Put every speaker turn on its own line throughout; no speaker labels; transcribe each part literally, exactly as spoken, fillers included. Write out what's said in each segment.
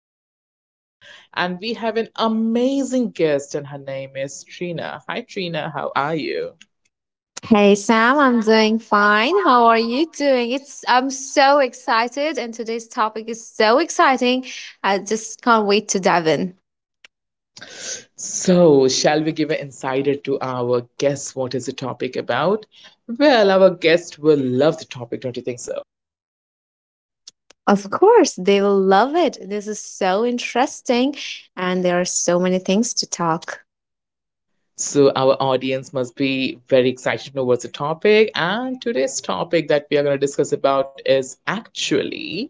host, Sam. And we have an amazing guest, and her name is Trina. Hi, Trina, how are you?
Hey Sam, I'm doing fine. How are you doing? It's I'm so excited and today's topic is so exciting. I just can't wait to dive in.
So, shall we give an insider to our guest? What is the topic about? Well, our guest will love the topic, don't you think so?
Of course, they will love it. This is so interesting and there are so many things to talk.
So our audience must be very excited to know what's the topic. And today's topic that we are going to discuss about is actually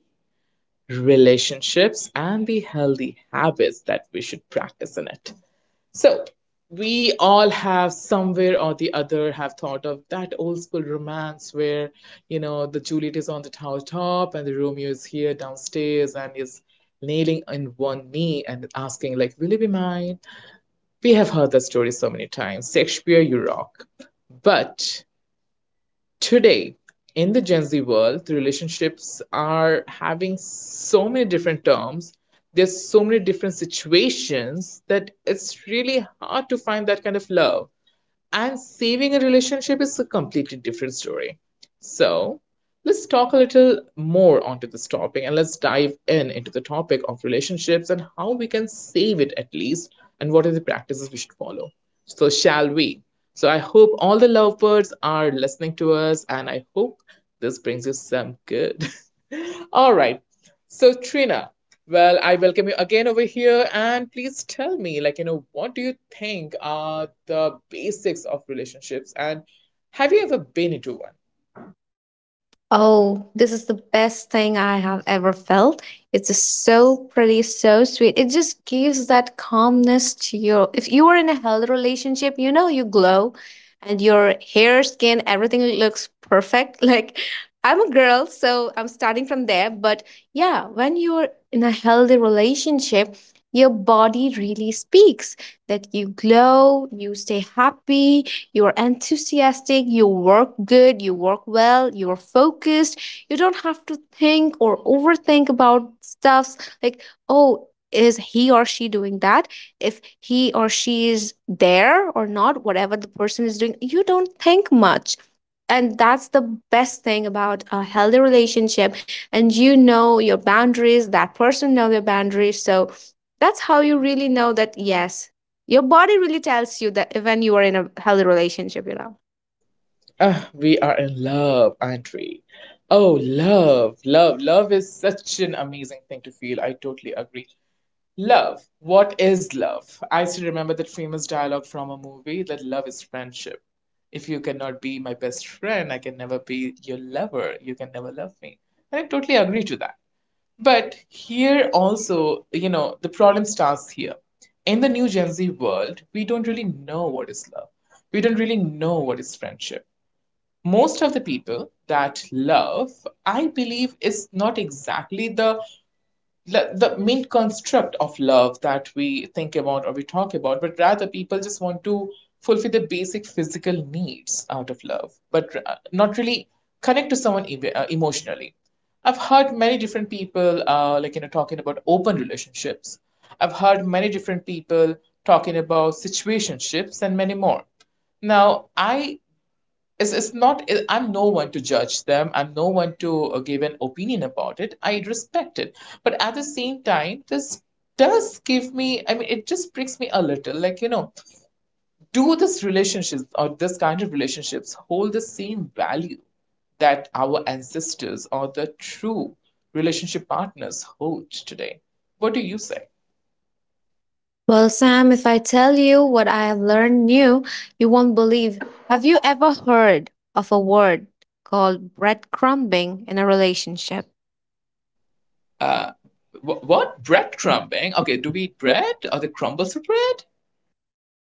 relationships and the healthy habits that we should practice in it. So we all have somewhere or the other have thought of that old school romance where, you know, the Juliet is on the tower top and the Romeo is here downstairs and is nailing on one knee and asking like, will you be mine? We have heard that story so many times. Shakespeare, you rock. But today, in the Gen Z world, the relationships are having so many different terms. There's so many different situations that it's really hard to find that kind of love, and saving a relationship is a completely different story. So, let's talk a little more onto this topic and let's dive in into the topic of relationships and how we can save it at least, and what are the practices we should follow. So, shall we? So, I hope all the lovebirds are listening to us and I hope this brings you some good. All right. So Trina, well, I welcome you again over here, and please tell me, like, you know, what do you think are the basics of relationships, and have you ever been into one?
Oh, this is the best thing I have ever felt. It's just so pretty, so sweet. It just gives that calmness to your. If you are in a healthy relationship, you know you glow and your hair, skin, everything looks perfect. Like I'm a girl, so I'm starting from there. But yeah, when you're in a healthy relationship, your body really speaks that you glow, you stay happy, you're enthusiastic, you work good, you work well, you're focused. You don't have to think or overthink about stuffs like, oh, is he or she doing that? If he or she is there or not, whatever the person is doing, you don't think much. And that's the best thing about a healthy relationship. And you know your boundaries, that person know their boundaries. So that's how you really know that yes, your body really tells you that when you are in a healthy relationship, you know.
Ah, we are in love, aren't we? Oh, love, love, love is such an amazing thing to feel. I totally agree. Love. What is love? I still remember that famous dialogue from a movie that love is friendship. If you cannot be my best friend, I can never be your lover. You can never love me. And I totally agree to that. But here also, you know, the problem starts here. In the new Gen Z world, we don't really know what is love. We don't really know what is friendship. Most of the people that love, I believe, is not exactly the the, the main construct of love that we think about or we talk about, but rather people just want to fulfill the basic physical needs out of love, but uh, not really connect to someone uh, emotionally. I've heard many different people, uh, like, you know, talking about open relationships. I've heard many different people talking about situationships and many more. Now, I it's, it's not it- I'm no one to judge them. I'm no one to uh, give an opinion about it. I respect it, but at the same time, this does give me, I mean, it just pricks me a little, like, you know, do this relationships or this kind of relationships hold the same value that our ancestors or the true relationship partners hold today? What do you say?
Well, Sam, if I tell you what I have learned new, you won't believe. Have you ever heard of a word called breadcrumbing in a relationship?
Uh, wh- what bread crumbing? Okay, do we eat bread or the crumbles of bread?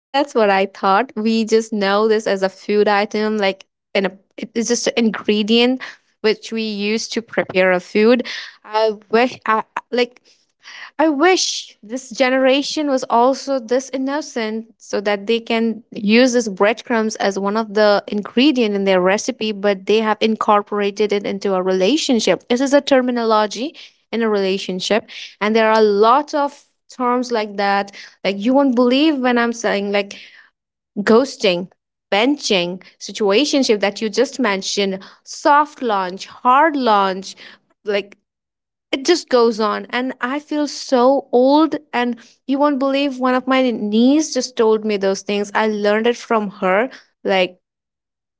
That's what I thought. We just know this as a food item, like in a, it- it's just an ingredient which we use to prepare a food. I wish, I, I- like, I wish this generation was also this innocent, so that they can use this breadcrumbs as one of the ingredient in their recipe, but they have incorporated it into a relationship. This is a terminology in a relationship, and there are a lot of terms like that like you won't believe when I'm saying like ghosting, benching, situationship that you just mentioned, soft launch, hard launch, like it just goes on. And I feel so old. And you won't believe one of my niece just told me those things. I learned it from her. Like,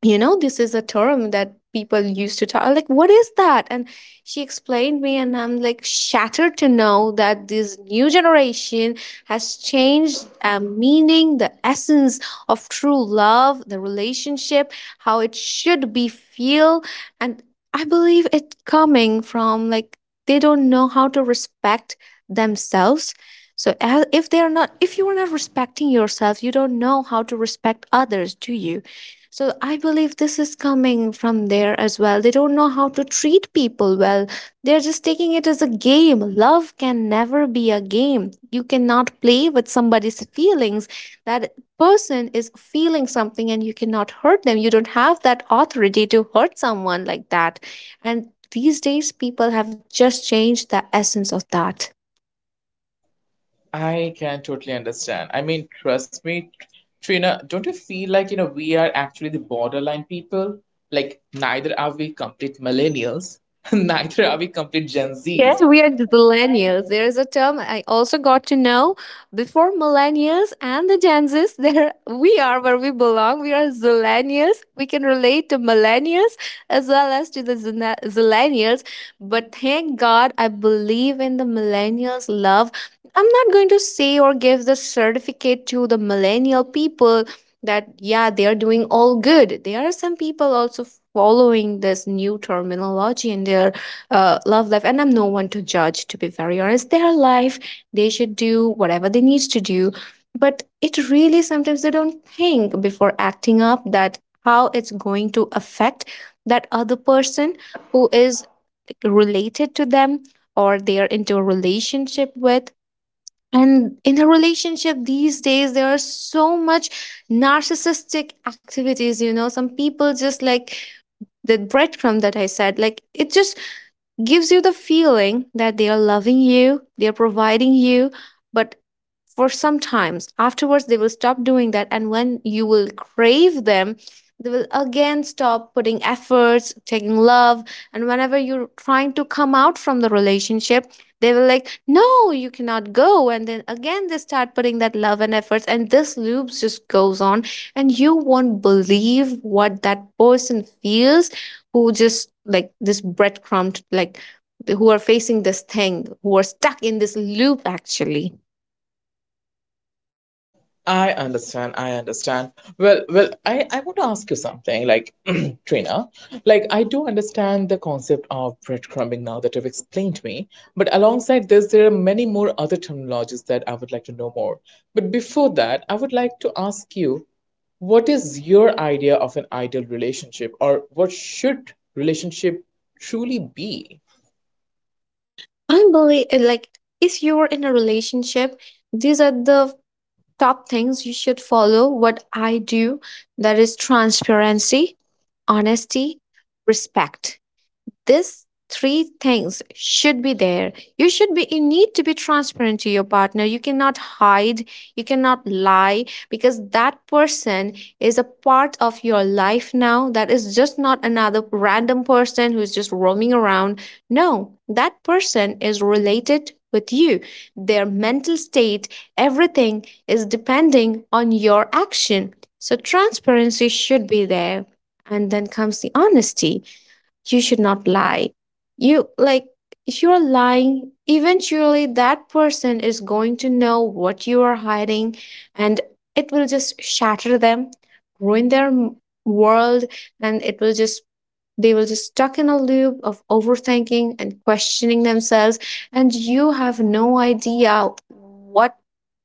you know this is a term that people used to talk like what is that and she explained me and I'm like shattered to know that this new generation has changed uh, meaning the essence of true love the relationship how it should be feel and I believe it coming from like they don't know how to respect themselves so as, if they are not if you are not respecting yourself you don't know how to respect others do you so I believe this is coming from there as well. They don't know how to treat people well. They're just taking it as a game. Love can never be a game. You cannot play with somebody's feelings. That person is feeling something and you cannot hurt them. You don't have that authority to hurt someone like that. And these days, people have just changed the essence of that.
I can totally understand. I mean, trust me, Trina, don't you feel like, you know, we are actually the borderline people? Like, neither are we complete millennials, neither are we complete Gen Zs.
Yes, we are the millennials. There is a term I also got to know before millennials and the Gen Zs. There we are where we belong. We are zillennials. We can relate to millennials as well as to the zina- zillennials. But thank God, I believe in the millennials' love. I'm not going to say or give the certificate to the millennial people that yeah they are doing all good. There are some people also following this new terminology and they are uh, love life and I'm no one to judge to be very honest their life they should do whatever they need to do but it really sometimes they don't think before acting up that how it's going to affect that other person who is related to them or they are into a relationship with and in a relationship these days there are so much narcissistic activities you know some people just like the breadcrumb that I said like it just gives you the feeling that they are loving you, they are providing you, but for some times afterwards they will stop doing that and when you will crave them they will again stop putting efforts taking love and whenever you're trying to come out from the relationship they will like no you cannot go and then again they start putting that love and efforts and this loop just goes on and you won't believe what that person feels who just like this breadcrumb like who are facing this thing who are stuck in this loop actually
I understand. I understand. Well, well, I, I want to ask you something, like, Trina. Like, I do understand the concept of breadcrumbing now that you've explained to me, but alongside this, there are many more other terminologies that I would like to know more. But before that, I would like to ask you, what is your idea of an ideal relationship, or what should relationship truly be?
I'm believe uh, like if you're in a relationship, these are the top things you should follow. What I do that is transparency, honesty, respect. These three things should be there. You should be, you need to be transparent to your partner. You cannot hide, you cannot lie because that person is a part of your life now. That is just not another random person who is just roaming around. No, that person is related with you. Their mental state, everything is depending on your action. So transparency should be there. And then comes the honesty. You should not lie. You like if you're lying, eventually that person is going to know what you are hiding and it will just shatter them, ruin their m- world and it will just they will just stuck in a loop of overthinking and questioning themselves, and you have no idea what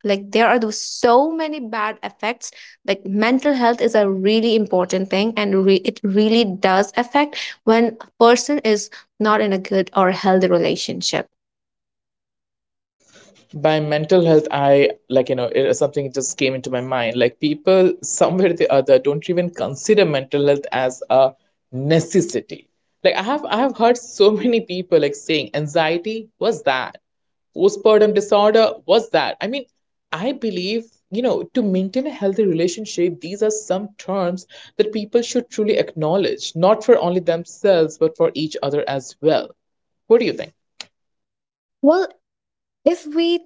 like there are those so many bad effects like mental health is a really important thing and re- it really does affect when a person is not in a good or healthy relationship.
By mental health, I, like, you know, it is something just came into my mind. Like, people somewhere or the other don't even consider mental health as a necessity. Like, I have I have heard so many people like saying anxiety was that, postpartum disorder was that. I mean, I believe, you know, to maintain a healthy relationship, these are some terms that people should truly acknowledge, not for only themselves, but for each other as well. What do you think?
Well, if we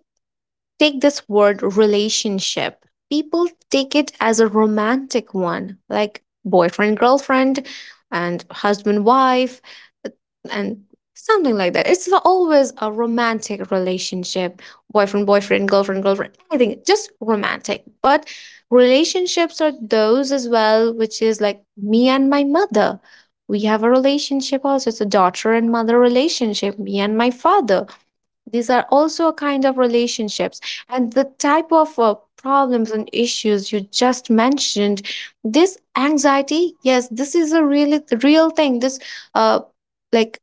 take this word relationship. People take it as a romantic one, like boyfriend, girlfriend, and husband, wife, and something like that. It's always a romantic relationship boyfriend, boyfriend, girlfriend, girlfriend, I think just romantic. But relationships are those as well, which is like me and my mother. We have a relationship also. It's a daughter and mother relationship, me and my father these are also a kind of relationships, and the type of uh, problems and issues you just mentioned. This anxiety, yes, this is a really real thing. This, uh, like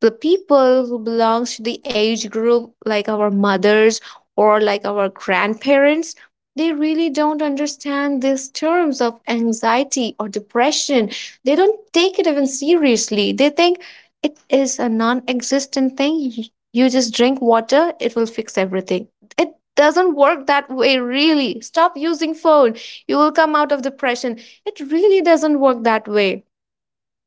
the people who belongs to the age group like our mothers or like our grandparents they really don't understand these terms of anxiety or depression they don't take it even seriously they think it is a non-existent thing you you just drink water it will fix everything it doesn't work that way really stop using phone you will come out of depression it really doesn't work that way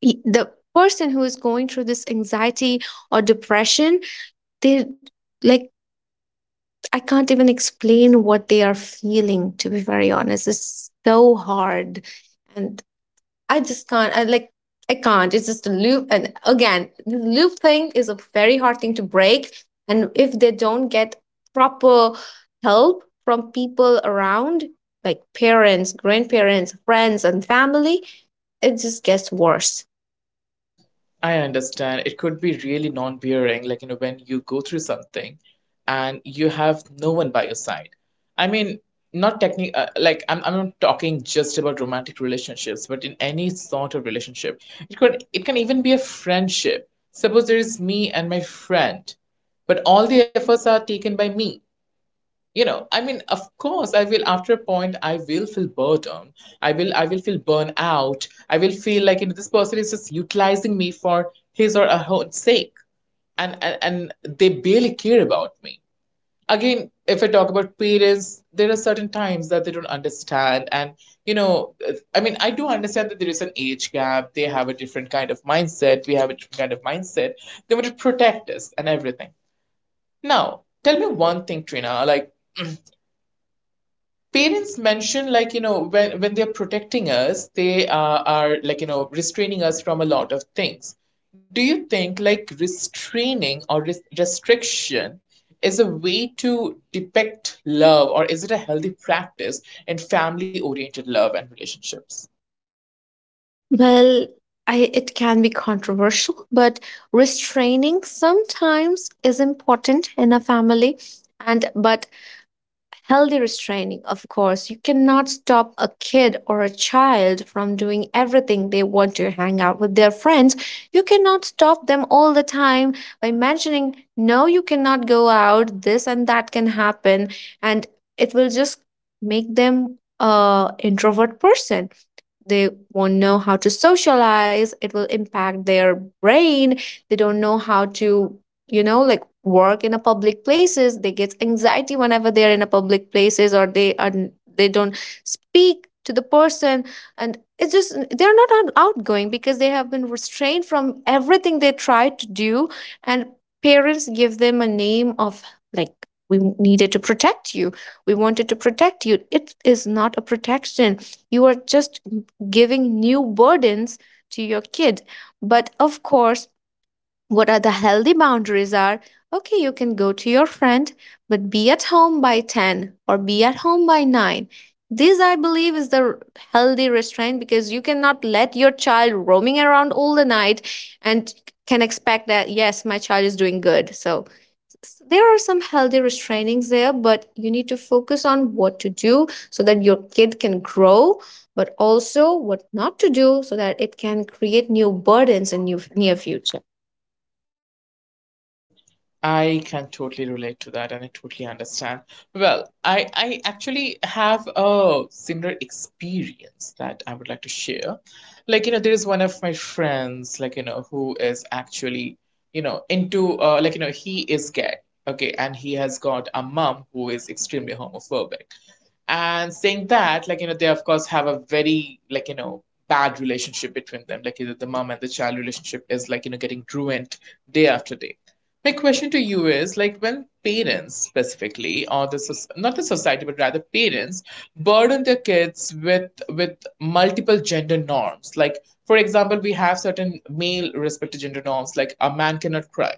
he- the person who is going through this anxiety or depression they like I can't even explain what they are feeling to be very honest it's so hard and i just can't i like I can't it's just a loop and again the loop thing is a very hard thing to break and if they don't get proper help from people around like parents grandparents friends and family it just gets worse.
I understand. It could be really non-bearing, like, you know, when you go through something and you have no one by your side. I mean, not technic uh, like, I'm I'm not talking just about romantic relationships, but in any sort of relationship. It could, it can even be a friendship. Suppose there is me and my friend, but all the efforts are taken by me. You know, I mean, of course I will, after a point I will feel burdened, i will i will feel burnt out, I will feel like, you know, this person is just utilizing me for his or her own sake, and and, and, they barely care about me. Again, if I talk about parents, there are certain times that they don't understand, and, you know, I mean, I do understand that there is an age gap. They have a different kind of mindset, we have a different kind of mindset. They want to protect us and everything. Now tell me one thing, Trina. Like, parents mention, like, you know, when when they're protecting us, they uh, are, like, you know, restraining us from a lot of things. Do you think like restraining or res- restriction is a way to depict love, or is it a healthy practice in family oriented love and relationships?
Well, I, it can be controversial, but restraining sometimes is important in a family and but healthy restraining, of course. You cannot stop a kid or a child from doing everything they want to hang out with their friends. You cannot stop them all the time by mentioning, no, you cannot go out, this and that can happen, and it will just make them a introvert person they won't know how to socialize it will impact their brain they don't know how to you know like work in a public places they get anxiety whenever they're in a public places or they are they don't speak to the person and it's just they're not out- outgoing because they have been restrained from everything they try to do and parents give them a name of like we needed to protect you we wanted to protect you it is not a protection you are just giving new burdens to your kid. But of course, what are the healthy boundaries are okay, you can go to your friend, but be at home by ten or be at home by nine. This, I believe, is the r- healthy restraint because you cannot let your child roaming around all the night and can expect that, yes, my child is doing good. So s- there are some healthy restrainings there, but you need to focus on what to do so that your kid can grow, but also what not to do so that it can create new burdens in new near future.
I can totally relate to that and I totally understand. Well, I, I actually have a similar experience that I would like to share. Like, you know, there is one of my friends, like, you know, who is actually, you know, into, uh, like, you know, he is gay, okay, and he has got a mom who is extremely homophobic. And saying that, like, you know, they of course have a very, like, you know, bad relationship between them. Like, you know, the mom and the child relationship is, like, you know, getting ruined day after day. My question to you is, like, when parents specifically, or the, not the society but rather parents, burden their kids with with multiple gender norms, like, for example, we have certain male respected gender norms like a man cannot cry,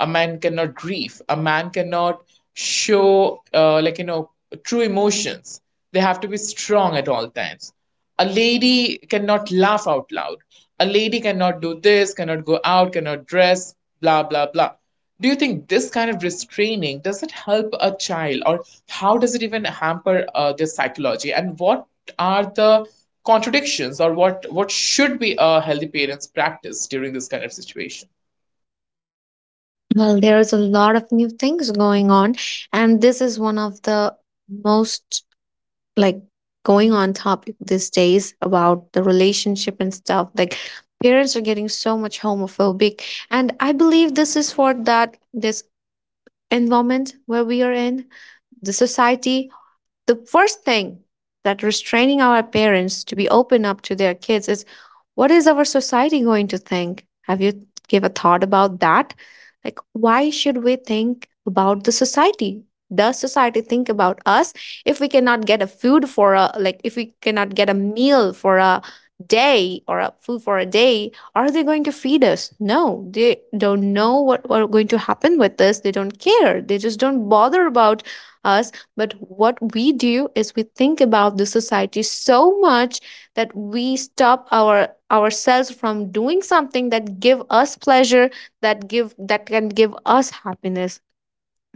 a man cannot grieve, a man cannot show, uh, like, you know, true emotions, they have to be strong at all times, a lady cannot laugh out loud, a lady cannot do this, cannot go out, cannot dress, blah blah blah. Do you think this kind of restraining, does it help a child, or how does it even hamper uh, their psychology, and what are the contradictions, or what what should be a healthy parents practice during this kind of situation?
Well, there is a lot of new things going on, and this is one of the most like going on topic these days about the relationship and stuff. Like parents are getting so much homophobic, and I believe this is for that this environment where we are in, the society, the first thing that restraining our parents to be open up to their kids is what is our society going to think. Have you give a thought about that? Like why should we think about the society? Does society think about us? If we cannot get a food for a, like if we cannot get a meal for a day or a food for a day, are they going to feed us? No, they don't know what what going to happen with us. They don't care, they just don't bother about us. But what we do is we think about the society so much that we stop our ourselves from doing something that give us pleasure, that give, that can give us happiness.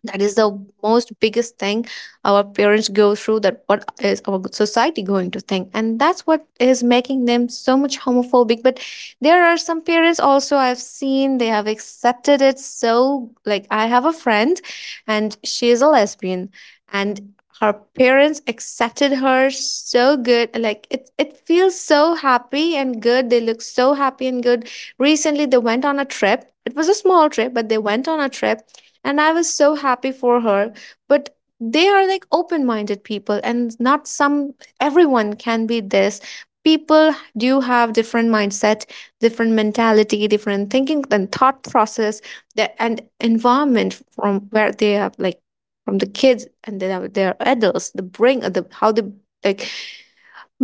That is the most biggest thing our parents go through, that what is our society going to think, and that's what is making them so much homophobic. But there are some parents also, I've seen they have accepted it. So like I have a friend, and she is a lesbian, and her parents accepted her so good. Like it, it feels so happy and good, they look so happy and good. Recently they went on a trip, it was a small trip but they went on a trip, and I was so happy for her. But they are like open minded people, and not some, everyone can be this. People do have different mindset, different mentality, different thinking and thought process, that and environment from where they have, like from the kids and then have their adults, the bring the how they, like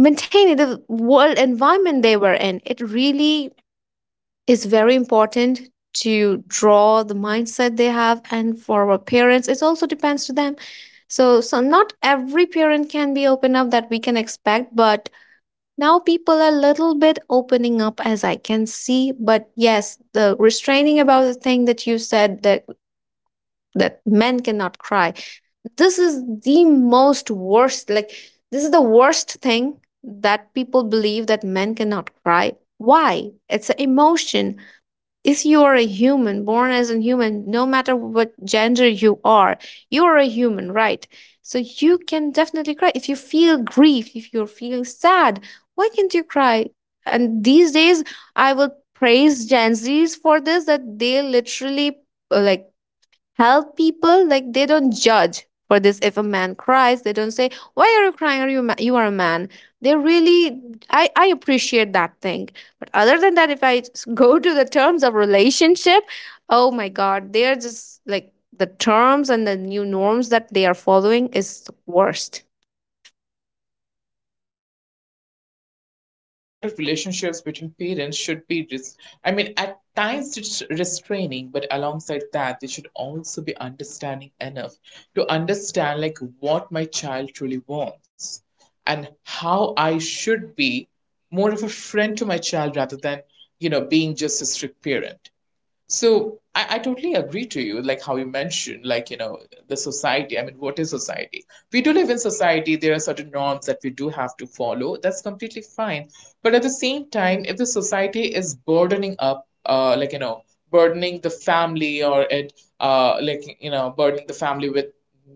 maintaining the world environment they were in. It really, it's very important to draw the mindset they have, and for our parents it also depends to them. So so not every parent can be open up that we can expect, but now people are a little bit opening up as I can see. But yes, the restraining about the thing that you said, that that men cannot cry, this is the most worst, like this is the worst thing that people believe, that men cannot cry. Why? It's an emotion. If you are a human, born as a human, no matter what gender you are, you are a human, right? So you can definitely cry. If you feel grief, if you're feeling sad, why can't you cry? And these days, I will praise gen Z's for this, that they literally uh, like help people. Like they don't judge for this. If a man cries, they don't say why are you crying, are you ma-, you are a man. They really, i i appreciate that thing. But other than that, if I s- go to the terms of relationship, oh my god, they are just like, the terms and the new norms that they are following is the worst.
I understand. So the healthy bonded relationships between parents should be, res- I mean, at times it's restraining, but alongside that, they should also be understanding enough to understand like what my child truly wants and how I should be more of a friend to my child rather than, you know, being just a strict parent. So I, I totally agree to you, like how you mentioned, like, you know, the society. I mean, what is society? We do live in society. There are certain norms that we do have to follow. That's completely fine. But at the same time, if the society is burdening up, uh, like, you know, burdening the family, or it, uh, like, you know, burdening the family with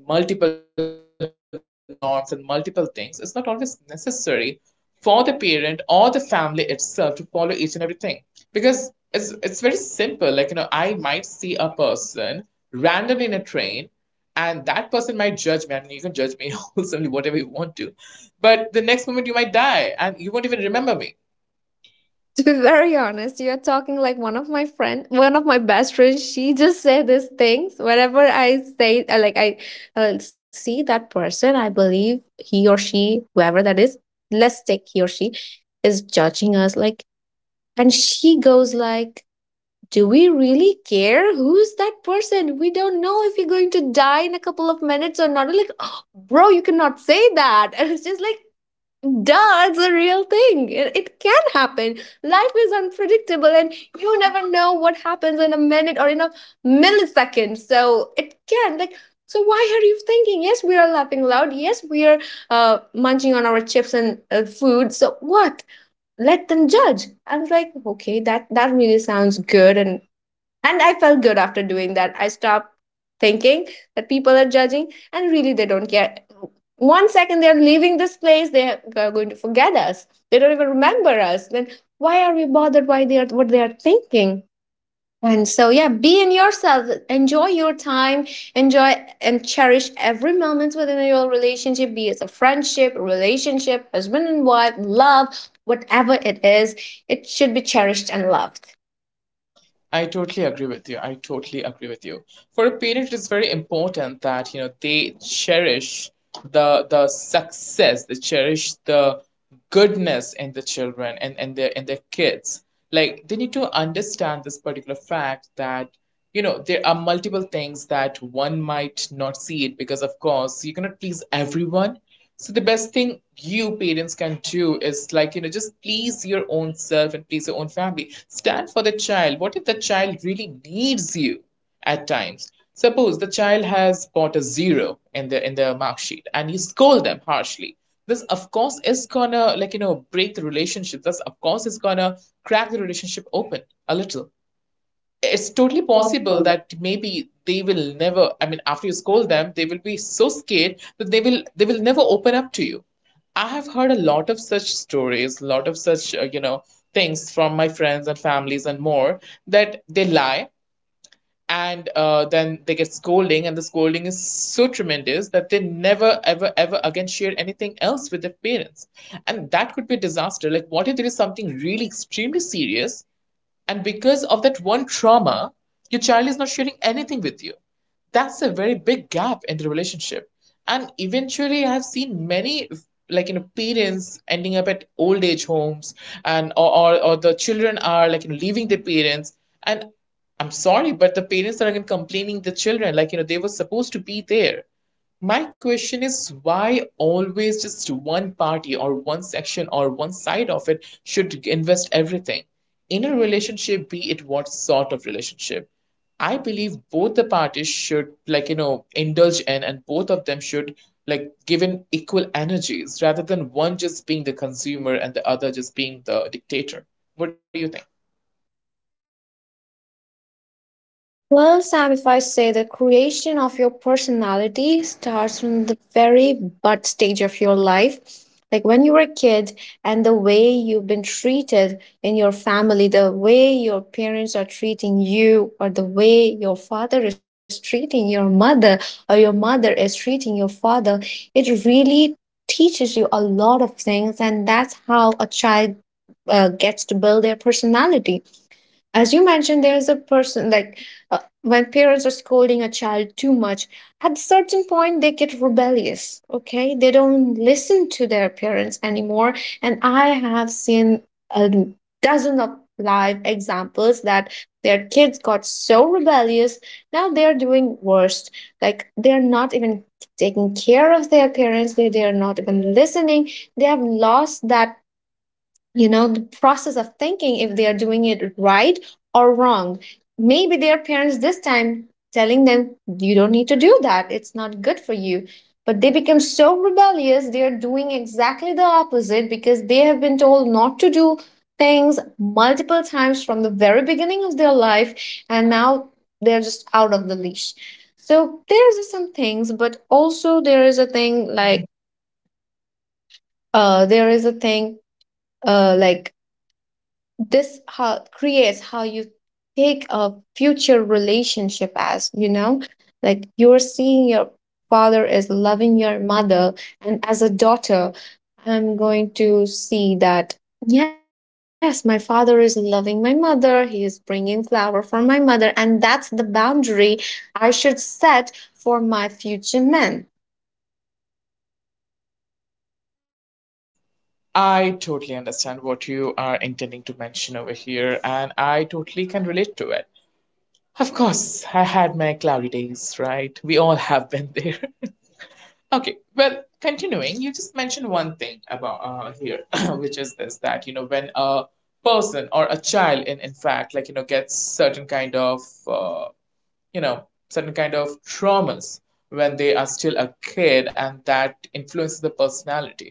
multiple norms and multiple things, it's not always necessary for the parent or the family itself to follow each and everything, because it's it's very simple. Like, you know, I might see a person randomly in a train, and that person might judge me, and you can judge me, wholesomely, whatever you want to, but the next moment you might die and you won't even remember me.
To be very honest, you're talking like one of my friend, one of my best friends. She just said these things whenever I say, uh, like I uh, see that person, I believe he or she, whoever that is, let's take he or she, is judging us. Like, and she goes like, "Do we really care who's that person? We don't know if you're going to die in a couple of minutes or not." I'm like, "Oh, bro, you cannot say that." And it's just like, duh, it's a real thing. It, it can happen. Life is unpredictable, and you never know what happens in a minute or in a millisecond. So it can, like. So why are you thinking? Yes, we are laughing loud. Yes, we are uh, munching on our chips and uh, food. So what? Let them judge. I was like, okay, that that really sounds good, and and I felt good after doing that. I stopped thinking that people are judging, and really they don't care. One second they're leaving this place, they are going to forget us. They don't even remember us. Then why are we bothered, why they are, what they are thinking? And so yeah, be in yourself, enjoy your time, enjoy and cherish every moment within your relationship, be it a friendship, relationship, husband and wife, love, whatever it is, it should be cherished and loved.
I totally agree with you. I totally agree with you. For a parent, it is very important that, you know, they cherish the the success, they cherish the goodness in the children, and, and their and their kids. Like, they need to understand this particular fact that, you know, there are multiple things that one might not see it, because of course you cannot please everyone. So the best thing you parents can do is, like, you know, just please your own self and please your own family, stand for the child, what if the child really needs you at times. Suppose the child has got a zero in the in the mark sheet and you scold them harshly. This of course is gonna, like, you know, break the relationship. This of course is gonna crack the relationship open a little. It's totally
It's
possible
totally
that
possible.
maybe they will never I mean after you scold them, they will be so scared that they will they will never open up to you. I have heard a lot of such stories, a lot of such, uh, you know, things from my friends and families and more that they lie and uh, then they get scolding and the scolding is so tremendous that they never ever ever again share anything else with their parents, and that could be a disaster. Like what if there is something really extremely serious and because of that one trauma, your child is not sharing anything with you. That's a very big gap in the relationship. And eventually, I've seen many, like, you know, parents ending up at old age homes and, or, or, or the children are, like, you know, leaving their parents. And I'm sorry, but the parents are again complaining the children, like, you know, they were supposed to be there. My question is, why always just one party or one section or one side of it should invest everything? In a relationship, be it what sort of relationship, I believe both the parties should, like, you know, indulge in, and both of them should, like, given equal energies rather than one just being the consumer and the other just being the dictator. What do you think?
Well, Sam, if I say, the creation of your personality starts from the very butt stage of your life, like when you were a kid, and the way you've been treated in your family, the way your parents are treating you, or the way your father is treating your mother, or your mother is treating your father, it really teaches you a lot of things, and that's how a child uh, gets to build their personality. As you mentioned, there's a person, like uh, when parents are scolding a child too much, at a certain point they get rebellious. Okay, they don't listen to their parents anymore. And I have seen a dozen of live examples that their kids got so rebellious, now they're doing worse. Like they're not even taking care of their parents, they, they're not even listening. They have lost that, you know, the process of thinking if they are doing it right or wrong. Maybe their parents this time telling them you don't need to do that, it's not good for you, but they become so rebellious, they are doing exactly the opposite because they have been told not to do things multiple times from the very beginning of their life, and now they're just out of the leash. So there's some things, but also there is a thing, like uh there is a thing uh like, this how creates how you take a future relationship. As you know, like you're seeing your father is loving your mother, and as a daughter, I'm going to see that yes, my father is loving my mother, he is bringing flower for my mother, and that's the boundary I should set for my future men.
I totally understand what you are intending to mention over here, and I totally can relate to it. Of course, I had my cloudy days, right? We all have been there. Okay, well, continuing, you just mentioned one thing about uh, here, which is this that, you know, when a person or a child, in, in fact, like, you know, gets certain kind of, uh, you know, certain kind of traumas when they are still a kid, and that influences the personality.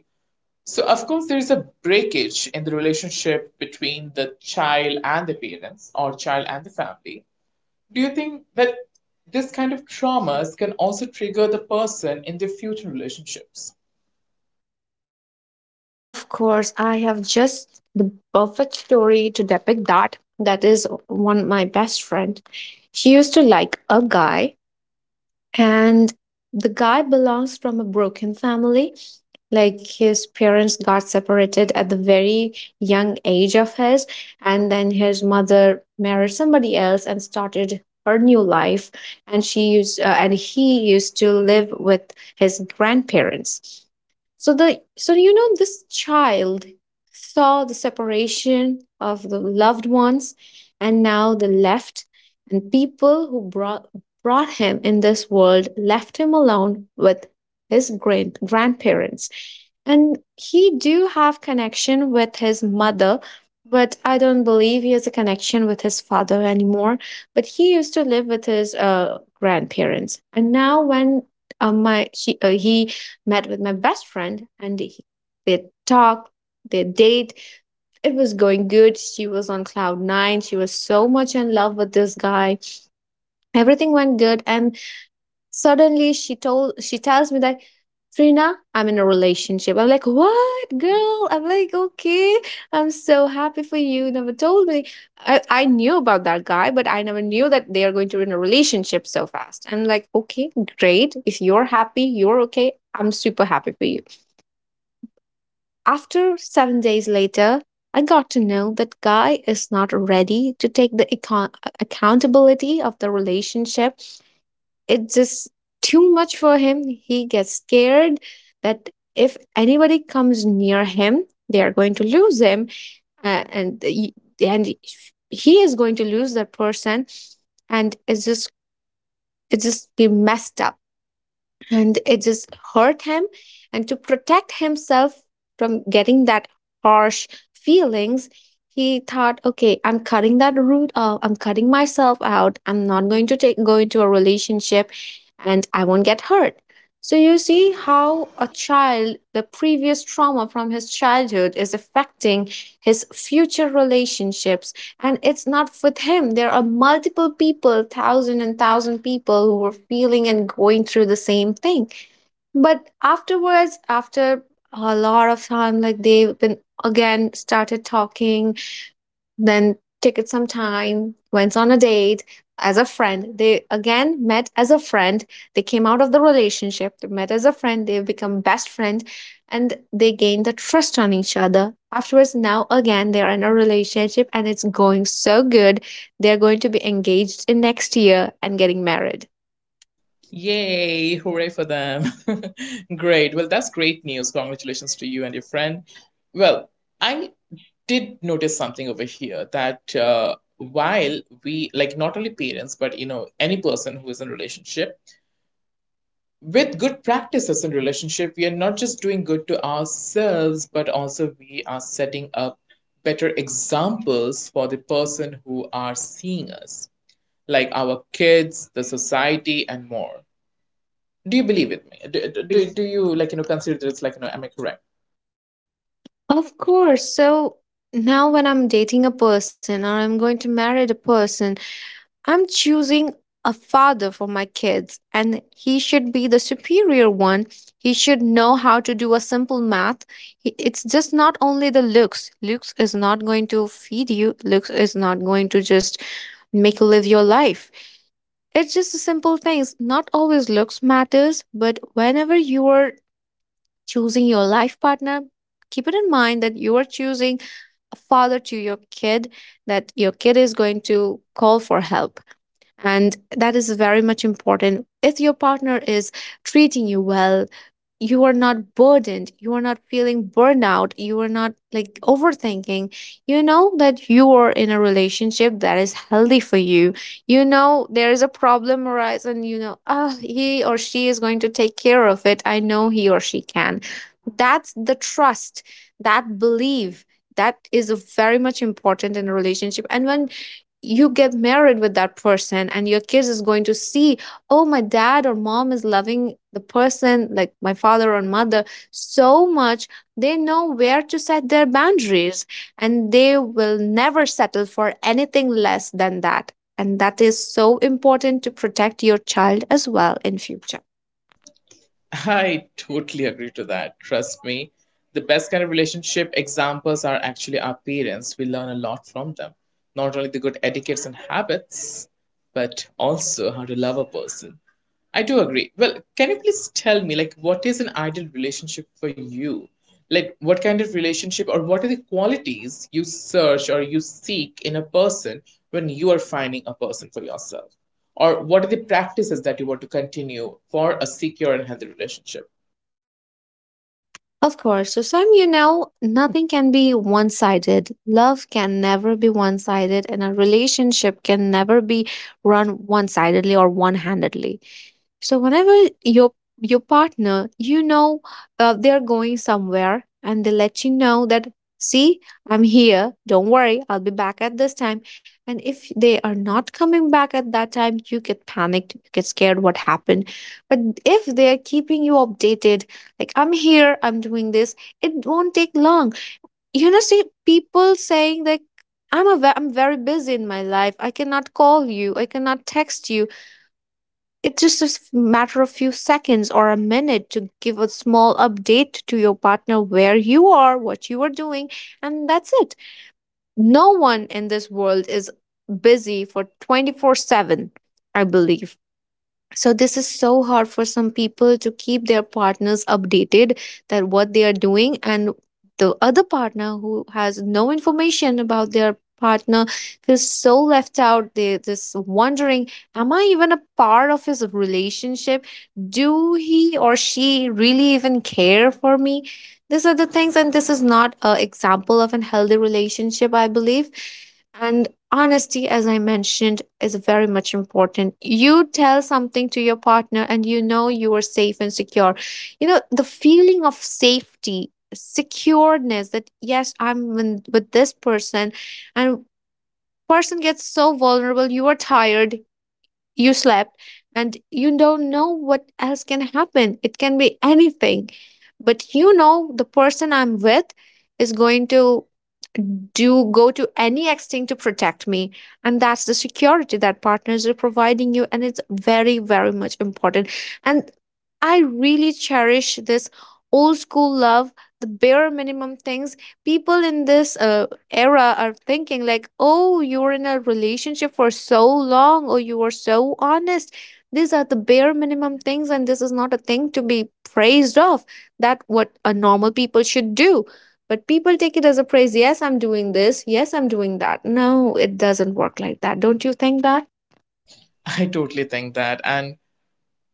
So, of course, there is a breakage in the relationship between the child and the parents, or child and the family. Do you think that this kind of traumas can also trigger the person in their future relationships?
Of course, I have just the perfect story to depict that. That is one my best friend. She used to like a guy, and the guy belongs from a broken family. Like his parents got separated at the very young age of his, and then his mother married somebody else and started her new life. And she used uh, and he used to live with his grandparents. So the so you know, this child saw the separation of the loved ones, and now the left, and people who brought brought him in this world left him alone with his great grandparents. And he do have connection with his mother, but I don't believe he has a connection with his father anymore. But he used to live with his uh, grandparents, and now when uh, my he, uh, he met with my best friend, and he, they talked, their date, it was going good. She was on cloud nine, she was so much in love with this guy. Everything went good, and suddenly she told she tells me that, "Trina, I'm in a relationship." I'm like, "What, girl?" I'm like, okay, I'm so happy for you. You never told me. I, I knew about that guy, but I never knew that they are going to be in a relationship so fast. I'm like, okay, great. If you're happy, you're okay. I'm super happy for you. After seven days later, I got to know that guy is not ready to take the econ, accountability of the relationship. It's just too much for him. He gets scared that if anybody comes near him, they are going to lose him, uh, and y- and he is going to lose that person, and it's just, it just be messed up, and it just hurt him, and to protect himself from getting that harsh feelings, he thought okay, I'm cutting that root off, I'm cutting myself out, I'm not going to take go into a relationship, and I won't get hurt. So you see how a child, the previous trauma from his childhood, is affecting his future relationships. And it's not with him, there are multiple people, thousand and thousand people, who are feeling and going through the same thing. But afterwards, after a lot of time, like they've been again started talking, then took it some time, went on a date as a friend. They again met as a friend. They came out of the relationship, they met as a friend, they've become best friend, and they gained the trust on each other. Afterwards, now again they are in a relationship and it's going so good. They are going to be engaged in next year and getting married.
Yay, hooray for them. Great. Well, that's great news. Congratulations to you and your friend. Well, I did notice something over here that uh, while we, like, not only parents, but, you know, any person who is in a relationship, with good practices in relationship, we are not just doing good to ourselves but also we are setting up better examples for the person who are seeing us, like our kids, the society and more. Do you believe with me? Do, do, do you like, you know, consider this, like, you know, am I correct?
Of course. So now, when I'm dating a person or I'm going to marry a person, I'm choosing a father for my kids, and he should be the superior one. He should know how to do a simple math. He- It's just not only the looks. Looks is not going to feed you, looks is not going to just make you live your life. It's just the simple things. Not always looks matters, but whenever you are choosing your life partner, keep it in mind that you are choosing a father to your kid, that your kid is going to call for help, and that is very much important. If your partner is treating you well, you are not burdened, you are not feeling burnout, you are not like overthinking. You know that you are in a relationship that is healthy for you. You know there is a problem arise and you know, ah, he or she is going to take care of it. I know he or she can. That's the trust, that belief that is very much important in a relationship. And when you get married with that person, and your kids is going to see, oh, my dad or mom is loving the person like my father or mother so much, they know where to set their boundaries, and they will never settle for anything less than that, and that is so important to protect your child as well in future.
I totally agree to that. Trust me, the best kind of relationship examples are actually our parents. We learn a lot from them, not only the good etiquettes and habits, but also how to love a person. I do agree. Well, can you please tell me, like, what is an ideal relationship for you? Like, what kind of relationship, or what are the qualities you search or you seek in a person when you are finding a person for yourself? Or what are the practices that you want to continue for a secure and healthy relationship?
Of course. So, Sam, you know, nothing can be one sided. Love can never be one sided, and a relationship can never be run one sidedly or one handedly. So, whenever your your partner, you know, uh, they're going somewhere and they let you know that, see, I'm here. Don't worry, I'll be back at this time. And if they are not coming back at that time, you get panicked, you get scared what happened. But if they're keeping you updated, like, I'm here, I'm doing this, it won't take long. You know, see, people saying like, i'm a ve- I'm very busy in my life, I cannot call you, I cannot text you. It's just a s- matter of few seconds or a minute to give a small update to your partner, where you are, what you are doing, and that's it. No one in this world is busy for twenty-four seven, I believe. So this is so hard for some people to keep their partners updated, that what they are doing, and the other partner who has no information about their partner feels so left out. They just wondering, am I even a part of his relationship? Do he or she really even care for me? These are the things, and this is not a example of a healthy relationship, I believe. And honesty, as I mentioned, is very much important. You tell something to your partner and you know you are safe and secure. You know, the feeling of safety, secureness that, yes, I'm in- with this person, and person gets so vulnerable, you are tired, you slept, and you don't know what else can happen, it can be anything, but you know the person I'm with is going to do go to any extent to protect me, and that's the security that partners are providing you, and it's very, very much important. And I really cherish this old school love, the bare minimum things. People in this uh, era are thinking like, oh, you were in a relationship for so long, or you were so honest. These are the bare minimum things, and this is not a thing to be praised of. That what a normal people should do, but people take it as a praise. Yes, I'm doing this, yes, I'm doing that. No, it doesn't work like that. Don't you think that?
I totally think that. And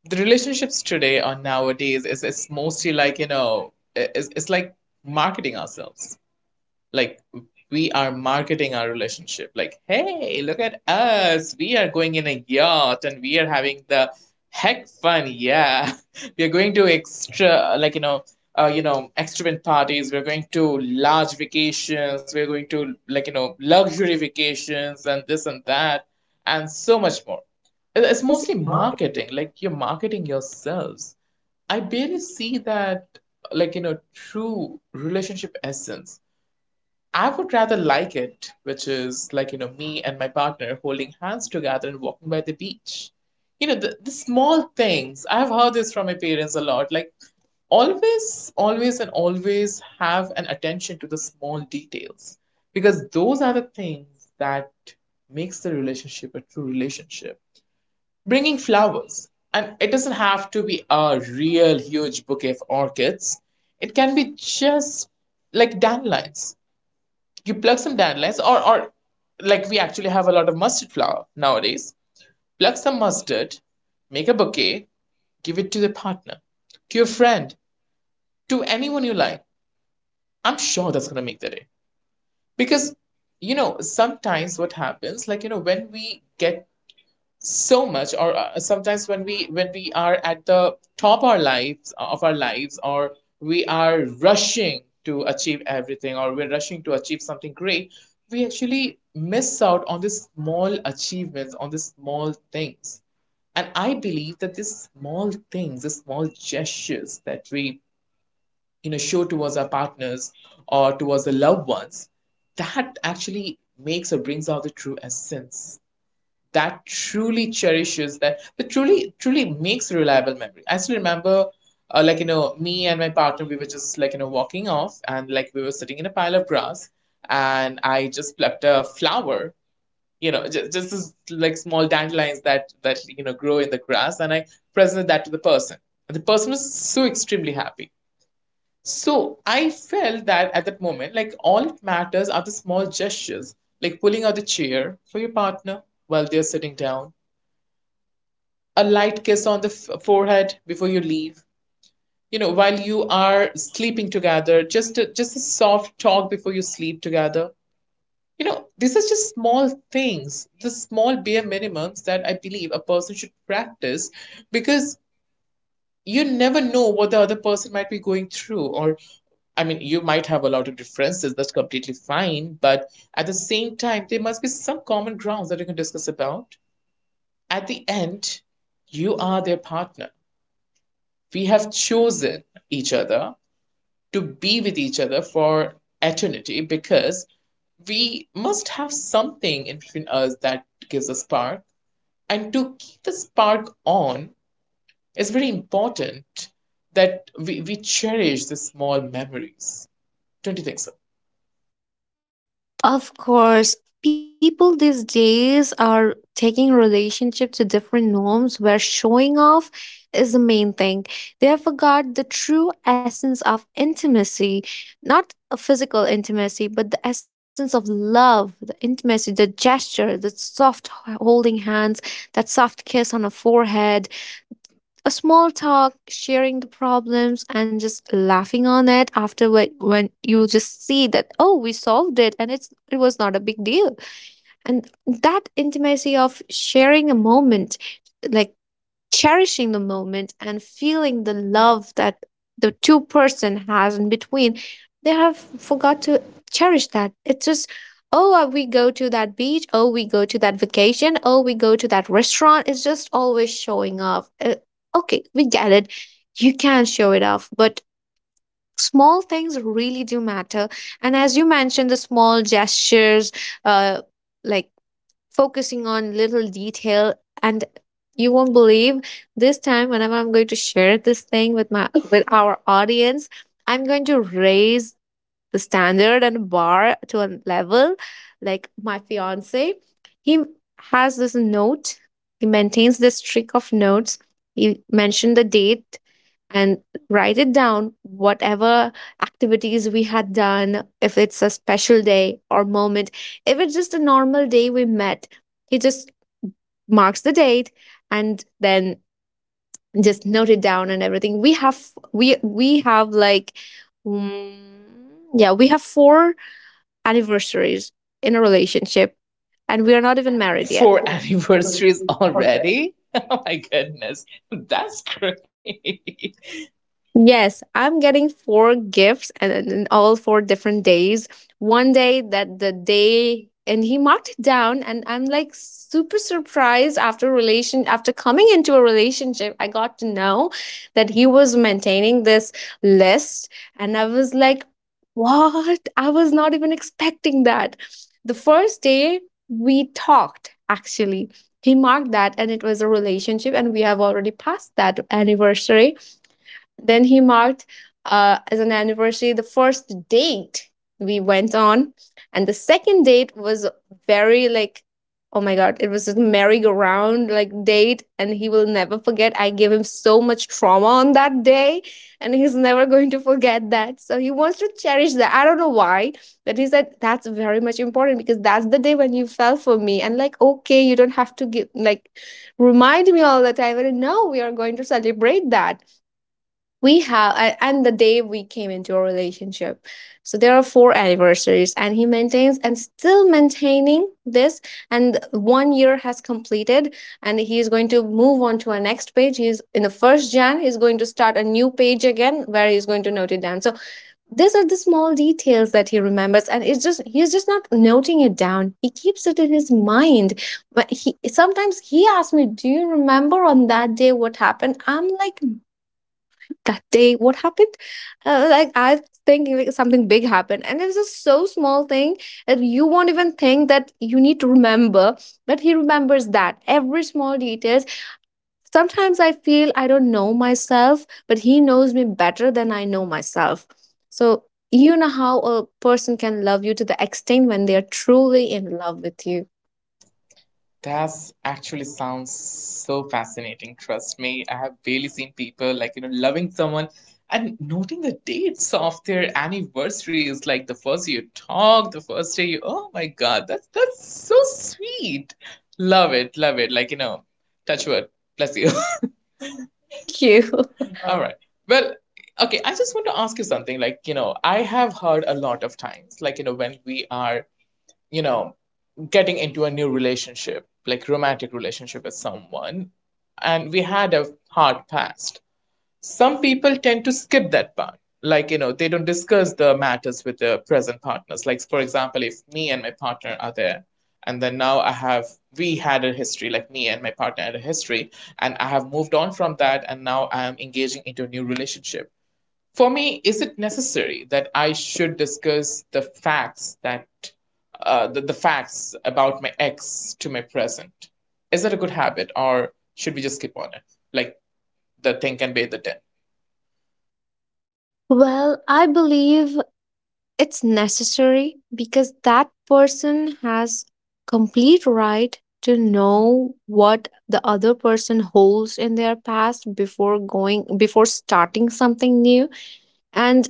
the relationships today or nowadays is, is mostly like, you know, it's it's like marketing ourselves. Like we are marketing our relationship. Like, hey, look at us, we are going in a yacht and we are having the heck fun, yeah. We are going to extra, like, you know, uh, you know extravagant parties, we're going to large vacations, we're going to, like, you know, luxury vacations and this and that and so much more. It-
It's
it's
mostly.
mostly marketing, like you're marketing yourselves. I barely see that, like, you know, true relationship essence. I would rather like it, which is like, you know, me and my partner holding hands together and walking by the beach. You know, the, the small things. I've heard this from my parents a lot. Like, always, always, and always have an attention to the small details, because those are the things that makes the relationship a true relationship. Bringing flowers, and it doesn't have to be a real huge bouquet of orchids. It can be just like dandelions. You pluck some dandelions, or or like, we actually have a lot of mustard flower nowadays. Pluck some mustard, make a bouquet, give it to the partner, to your friend, to anyone you like. I'm sure that's going to make the day. Because you know sometimes what happens, like, you know, when we get so much, or uh, sometimes when we when we are at the top our lives, uh, of our lives, or we are rushing to achieve everything, or we're rushing to achieve something great, we actually miss out on the small achievements, on the small things. And I believe that these small things, the small gestures that we, you know, show towards our partners or towards the loved ones, that actually makes or brings out the true essence, that truly cherishes that that truly truly makes reliable memory. I still remember, uh, like, you know, me and my partner, we were just like, you know, walking off, and like, we were sitting in a pile of grass, and I just plucked a flower, you know, just, just this, like, small dandelions that that you know grow in the grass, and I presented that to the person, and the person was so extremely happy. So I felt that at that moment, like, all it matters are the small gestures, like pulling out the chair for your partner while they're sitting down, a light kiss on the f- forehead before you leave, you know, while you are sleeping together, just a, just a soft talk before you sleep together. You know, these are just small things, the small bare minimums that I believe a person should practice, because you never know what the other person might be going through. Or I mean, you might have a lot of differences, that's completely fine, but at the same time, there must be some common grounds that you can discuss about. At the end, you are their partner. We have chosen each other to be with each other for eternity, because we must have something in between us that gives a spark. And to keep the spark on, it's very important that we, we cherish the small memories. Don't you think so?
Of course, people these days are taking relationship to different norms where showing off is the main thing. They have forgot the true essence of intimacy, not a physical intimacy, but the essence of love, the intimacy, the gesture, the soft h- holding hands, that soft kiss on a forehead, a small talk, sharing the problems, and just laughing on it after, when, when you just see that, oh, we solved it, and it's, it was not a big deal, and that intimacy of sharing a moment, like cherishing the moment and feeling the love that the two person has in between. They have forgot to cherish that. It's just, oh, uh, we go to that beach, oh, we go to that vacation, oh, we go to that restaurant, it's just always showing off. Uh, okay, we get it, you can show it off, but small things really do matter. And as you mentioned, the small gestures, uh like focusing on little detail, and you won't believe, this time, whenever I'm going to share this thing with my with our audience, I'm going to raise the standard and bar to a level. Like my fiance, he has this note. He maintains this streak of notes. He mentioned the date, and write it down whatever activities we had done. If it's a special day or moment, if it's just a normal day we met, he just marks the date, and then just note it down. And everything we have, we we have like, mm, yeah, we have four anniversaries in a relationship, and we are not even married yet.
Four anniversaries already? Oh my goodness, that's great.
Yes, I'm getting four gifts, and, and and all four different days. One day, that the day, and he marked it down, and I'm like super surprised. After relation, after coming into a relationship, I got to know that he was maintaining this list, and I was like, what? I was not even expecting that. The first day we talked, actually. He marked that, and it was a relationship, and we have already passed that anniversary. Then he marked, uh, as an anniversary, the first date we went on. And the second date was very like, oh my God, it was a merry-go-round like date. And he will never forget. I gave him so much trauma on that day. And he's never going to forget that. So he wants to cherish that. I don't know why. But he said that's very much important, because that's the day when you fell for me. And like, okay, you don't have to give, like, remind me all the time. And no, we are going to celebrate that. We have a- and the day we came into a relationship. So there are four anniversaries, and he maintains and still maintaining this. And one year has completed, and he is going to move on to a next page. He's in the first jan, he's going to start a new page again, where he's going to note it down. So these are the small details that he remembers, and it's just, he's just not noting it down, he keeps it in his mind. But he sometimes, he asks me, do you remember on that day what happened? I'm like, that day what happened? Uh, like, I think like, something big happened, and it's just so small thing that you won't even think that you need to remember, but he remembers that every small details. Sometimes I feel I don't know myself, but he knows me better than I know myself. So, you know how a person can love you to the extent when they are truly in love with you.
That actually sounds so fascinating. Trust me, I have barely seen people, like, you know, loving someone and noting the dates of their anniversaries, like the first day you talk, the first day you, oh my God, that's that's so sweet. Love it, love it. Like, you know, touch wood, bless you.
Thank you.
All right. Well, okay, I just want to ask you something. Like, you know, I have heard a lot of times, like, you know, when we are, you know, getting into a new relationship, like romantic relationship with someone, and we had a hard past. Some people tend to skip that part. Like, you know, they don't discuss the matters with their present partners. Like, for example, if me and my partner are there, and then now I have, we had a history, like me and my partner had a history, and I have moved on from that, and now I am engaging into a new relationship. For me, is it necessary that I should discuss the facts that uh, the, the facts about my ex to my present? Is that a good habit, or should we just skip on it? Like, the thing can be the ten.
Well, I believe it's necessary, because that person has complete right to know what the other person holds in their past before going, before starting something new. and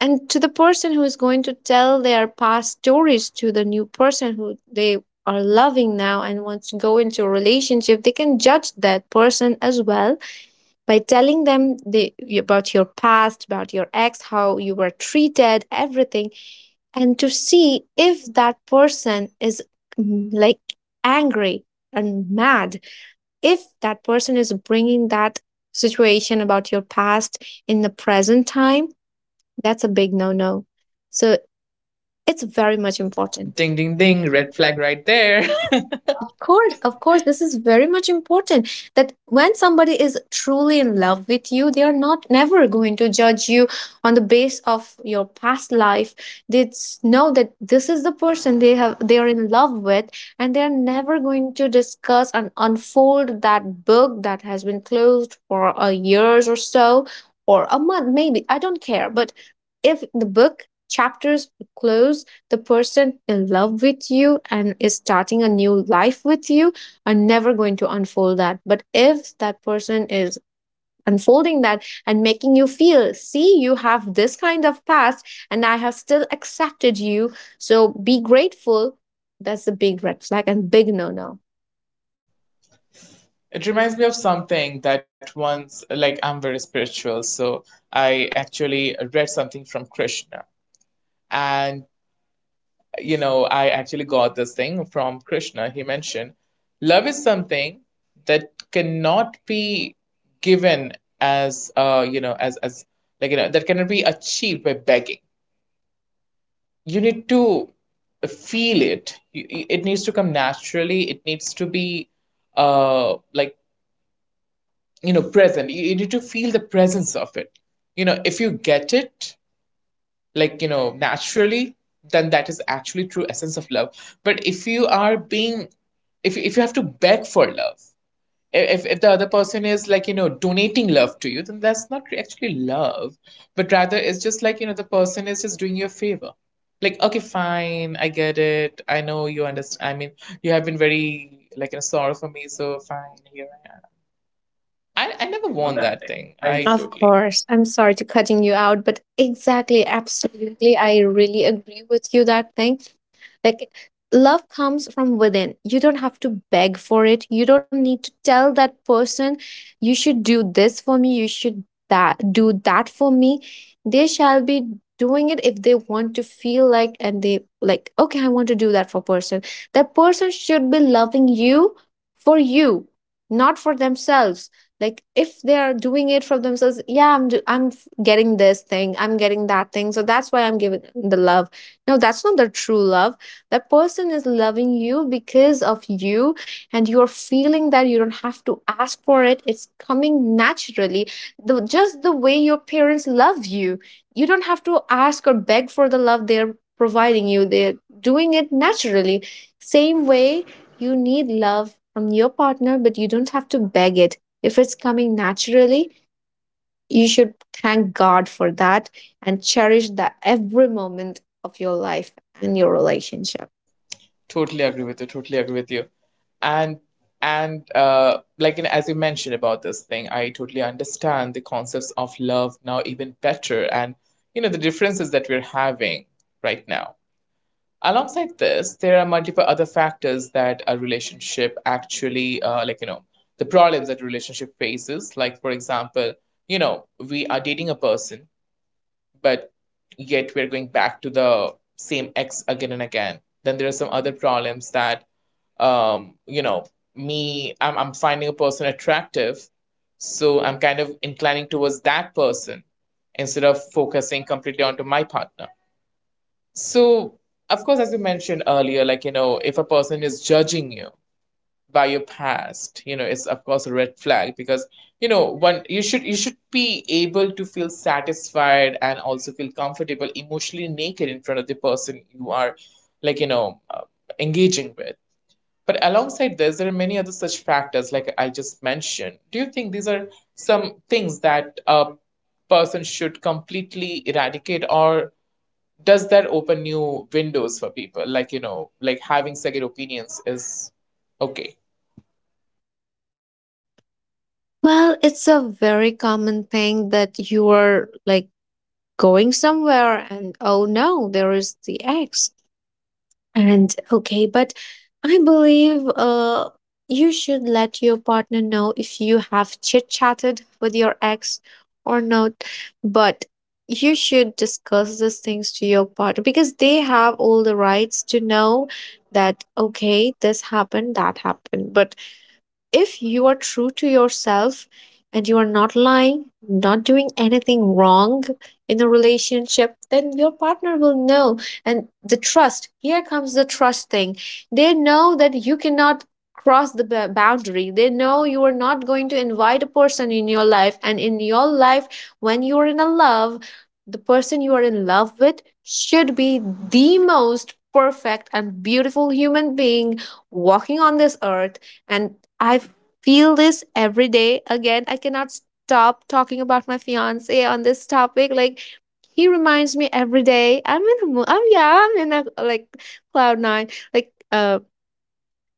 and to the person who is going to tell their past stories to the new person who they are loving now and wants to go into a relationship, they can judge that person as well by telling them the, about your past, about your ex, how you were treated, everything, and to see if that person is, mm, like, angry and mad. If that person is bringing that situation about your past in the present time, that's a big no no. So it's very much important.
Ding ding ding, red flag right there.
Of course, of course, this is very much important, that when somebody is truly in love with you, they are not never going to judge you on the base of your past life. They s- know that this is the person they have they are in love with, and they are never going to discuss and unfold that book that has been closed for a years or so, or a month, maybe. I don't care. But if the book chapters closed, the person in love with you and is starting a new life with you are never going to unfold that. But if that person is unfolding that and making you feel, see, you have this kind of past and I have still accepted you, so be grateful, that's a big red flag and big no no.
It reminds me of something that once, like, I'm very spiritual, so I actually read something from Krishna. And, you know, I actually got this thing from Krishna. He mentioned love is something that cannot be given as, uh, you know, as, as, like, you know, that cannot be achieved by begging. You need to feel it. It needs to come naturally. It needs to be, uh, like, you know, present. you, you need to feel the presence of it. You know, if you get it, like, you know, naturally, then that is actually true essence of love. But if you are being, if, if you have to beg for love, if, if the other person is, like, you know, donating love to you, then that's not actually love, but rather it's just, like, you know, the person is just doing you a favor. Like, okay, fine, I get it, I know, you understand, I mean, you have been very, like, you know, sorry for me, so fine, here. I, I never
On
want
that
that
thing.
thing.
I
I
Of
totally,
course. I'm sorry to cutting you out, but exactly, absolutely. I really agree with you that thing. Like, love comes from within. You don't have to beg for it. You don't need to tell that person, you should do this for me, you should that do that for me. They shall be doing it if they want to feel like and they like, okay, I want to do that for person. That person should be loving you for you, not for themselves, like if they are doing it from themselves. Yeah, I'm do- i'm f- getting this thing, I'm getting that thing, so that's why I'm giving the love. No, that's not the true love. That person is loving you because of you, and you're feeling that you don't have to ask for it. It's coming naturally, the, just the way your parents love you. You don't have to ask or beg for the love they're providing you. They're doing it naturally. Same way, you need love from your partner, but you don't have to beg it. If it's coming naturally, you should thank God for that and cherish the every moment of your life and your relationship.
totally agree with you. Totally agree with you. And and uh, like you know, as you mentioned about this thing, I totally understand the concepts of love now even better, and you know the differences that we're having right now. Alongside this, there are multiple other factors that a relationship actually, uh, like you know, the problems that relationship faces. Like for example, you know, we are dating a person but yet we're going back to the same X again and again. Then there are some other problems that, um, you know, me, I'm, I'm finding a person attractive, so I'm kind of inclining towards that person instead of focusing completely onto my partner. So, of course, as you mentioned earlier, like, you know, if a person is judging you, by your past you know it's of course a red flag because you know one you should you should be able to feel satisfied and also feel comfortable emotionally naked in front of the person you are like you know uh, engaging with, but alongside this, there are many other such factors like I just mentioned. Do you think these are some things that a person should completely eradicate, or does that open new windows for people, like you know like having second opinions is okay?
Well, it's a very common thing that you are like going somewhere and, oh no, there is the ex. And okay, but I believe uh, you should let your partner know if you have chit chatted with your ex or not. But you should discuss these things to your partner because they have all the rights to know that, okay, this happened, that happened. But if you are true to yourself and you are not lying, not doing anything wrong in the relationship, then your partner will know. And the trust, here comes the trust thing. They know that you cannot cross the ba- boundary. They know you are not going to invite a person in your life. And in your life, when you are in a love, the person you are in love with should be the most perfect and beautiful human being walking on this earth. And I feel this every day. Again, I cannot stop talking about my fiance on this topic. Like, he reminds me every day. I'm in the mood. I'm, yeah, I'm in a like cloud nine. Like uh,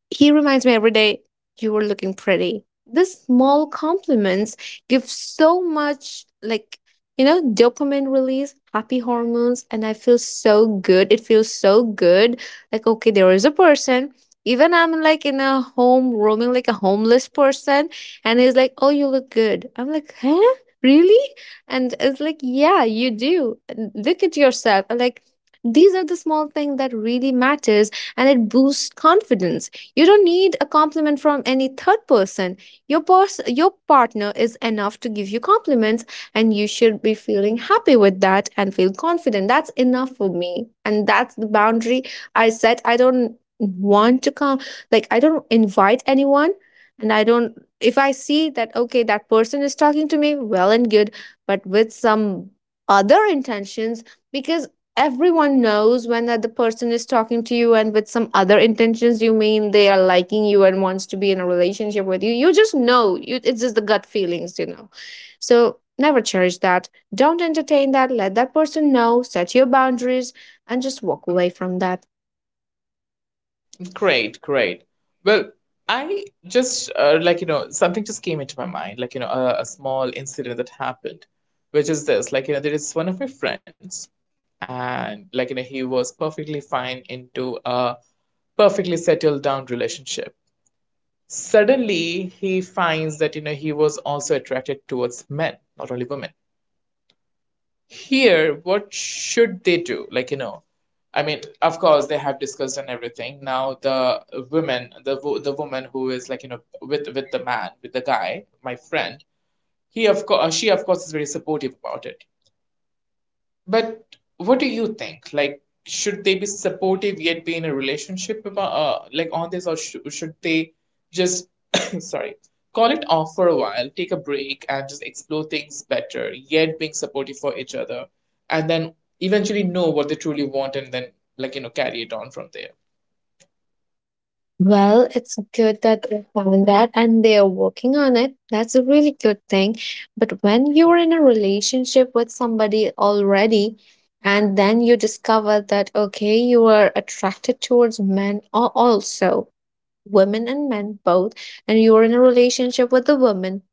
he reminds me every day, you were looking pretty. These small compliments give so much, like, you know, dopamine release, happy hormones, and I feel so good. It feels so good. Like, okay, there is a person. Even I'm like in a home, roaming like a homeless person, and he's like, oh, you look good. I'm like, huh? Really? And it's like, yeah, you do. And look at yourself. And, like, these are the small things that really matters, and it boosts confidence. You don't need a compliment from any third person. Your pers- your partner is enough to give you compliments, and you should be feeling happy with that and feel confident. That's enough for me. And that's the boundary I set. I don't want to come, like, I don't invite anyone, and I don't, if I see that okay that person is talking to me, well and good, but with some other intentions. Because everyone knows when that the person is talking to you and with some other intentions, you mean they are liking you and wants to be in a relationship with you. You just know you, it's just the gut feelings, you know so never cherish that, don't entertain that, let that person know, set your boundaries, and just walk away from that.
Great, great. Well, I just uh, like you know something just came into my mind, like you know a, a small incident that happened, which is this. Like you know there is one of my friends, and like you know he was perfectly fine into a perfectly settled down relationship. Suddenly he finds that you know he was also attracted towards men, not only women. Here what should they do, like you know I mean, of course they have discussed and everything now. The women the wo- the woman who is, like you know with with the man, with the guy, my friend, he of course she of course is very supportive about it. But what do you think? Like, should they be supportive yet be in a relationship about, uh, like on this, or sh should they just, sorry, call it off for a while, take a break, and just explore things better, yet being supportive for each other, and then eventually know what they truly want, and then like you know carry it on from there.
Well, it's good that they found that and they are working on it. That's a really good thing. But when you're in a relationship with somebody already, and then you discover that, okay, you are attracted towards men, or also women and men both, and you're in a relationship with a woman,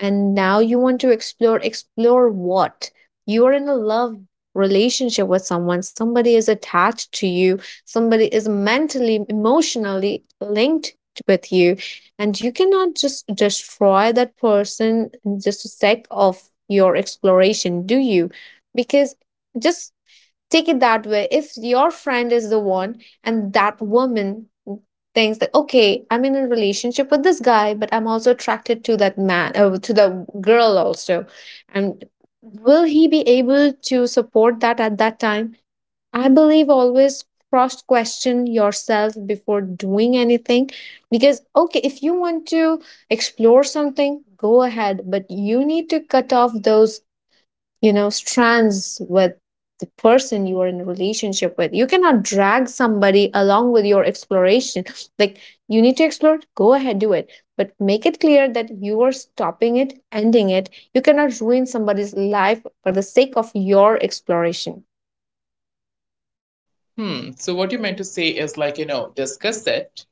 and now you want to explore explore what, you are in a love relationship with someone, somebody is attached to you, somebody is mentally, emotionally linked with you, and you cannot just destroy that person in just a sec of your exploration, do you? Because, just, take it that way: if your friend is the one, and that woman thinks that, okay, I'm in a relationship with this guy, but I'm also attracted to that man, uh, to the girl also, and will he be able to support that at that time? I believe, always cross question yourself before doing anything. Because okay, if you want to explore something, go ahead, but you need to cut off those, you know, strands with the person you are in a relationship with. You cannot drag somebody along with your exploration. Like, you need to explore, go ahead, do it, but make it clear that you are stopping it, ending it. You cannot ruin somebody's life for the sake of your exploration.
Hmm. So what you meant to say is, like, you know, discuss it,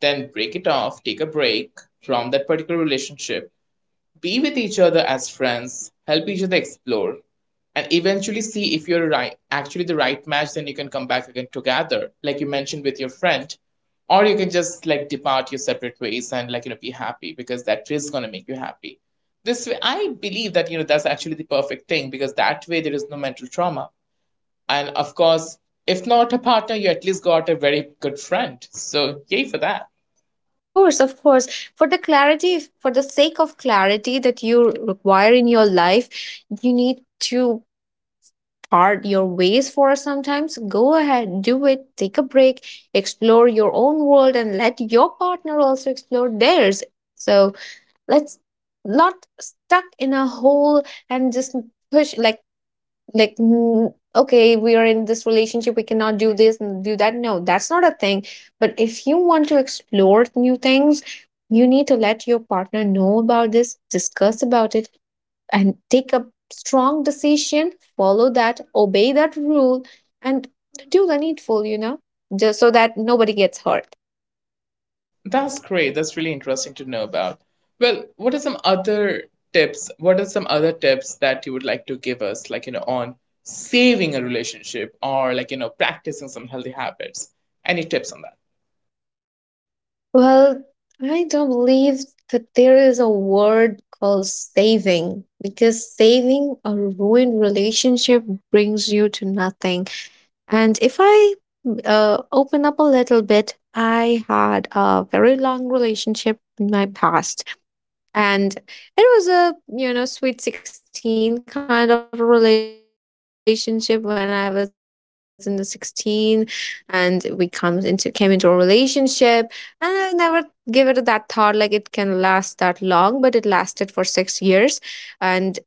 then break it off, take a break from that particular relationship, be with each other as friends, help each other explore, and eventually see if you're right, actually the right match. Then you can come back again together, like you mentioned with your friend. Or you can just like depart your separate ways and, like, you know, be happy, because that is going to make you happy. This way, I believe that, you know, that's actually the perfect thing, because that way there is no mental trauma. And of course, if not a partner, you at least got a very good friend. So, yay for that.
Of course, of course. For the clarity, for the sake of clarity that you require in your life, you need to part your ways for sometimes. Go ahead, do it, take a break, explore your own world, and let your partner also explore theirs. So let's not stuck in a hole and just push like, like mm, okay, we are in this relationship, we cannot do this and do that. No, that's not a thing. But if you want to explore new things, you need to let your partner know about this, discuss about it, and take a strong decision, follow that, obey that rule, and do the needful, you know, just so that nobody gets hurt.
That's great. That's really interesting to know about. Well, what are some other tips? What are some other tips that you would like to give us, like, you know, on saving a relationship or, like, you know, practicing some healthy habits? Any tips on that?
Well, I don't believe that there is a word called saving, because saving a ruined relationship brings you to nothing. And if I, uh, open up a little bit, I had a very long relationship in my past. And it was a, you know, sweet sixteen kind of a relationship. When I was in the sixteen and we come into came into a relationship, and I never give it that thought like it can last that long, but it lasted for six years. And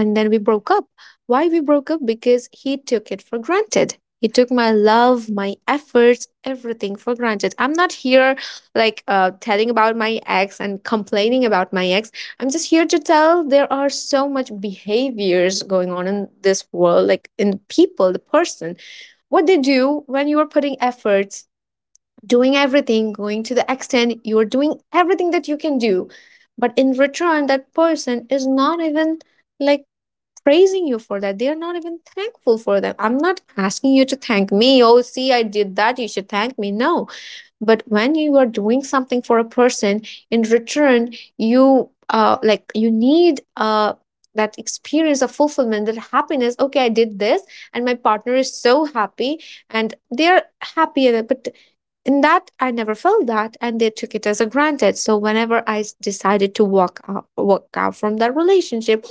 and then we broke up. Why we broke up? Because he took it for granted. He took my love, my efforts, everything for granted. I'm not here like uh, telling about my ex and complaining about my ex. I'm just here to tell there are so much behaviors going on in this world, like in people, the person, what they do when you are putting efforts, doing everything, going to the extent, you're doing everything that you can do. But in return, that person is not even, like, praising you for that. They are not even thankful for that. I'm not asking you to thank me. Oh, see, I did that, you should thank me. No. But when you are doing something for a person, in return, you uh like you need uh that experience of fulfillment, that happiness. Okay, I did this, and my partner is so happy, and they're happy. But in that, I never felt that, and they took it as a granted. So whenever I s- decided to walk out, walk out from that relationship,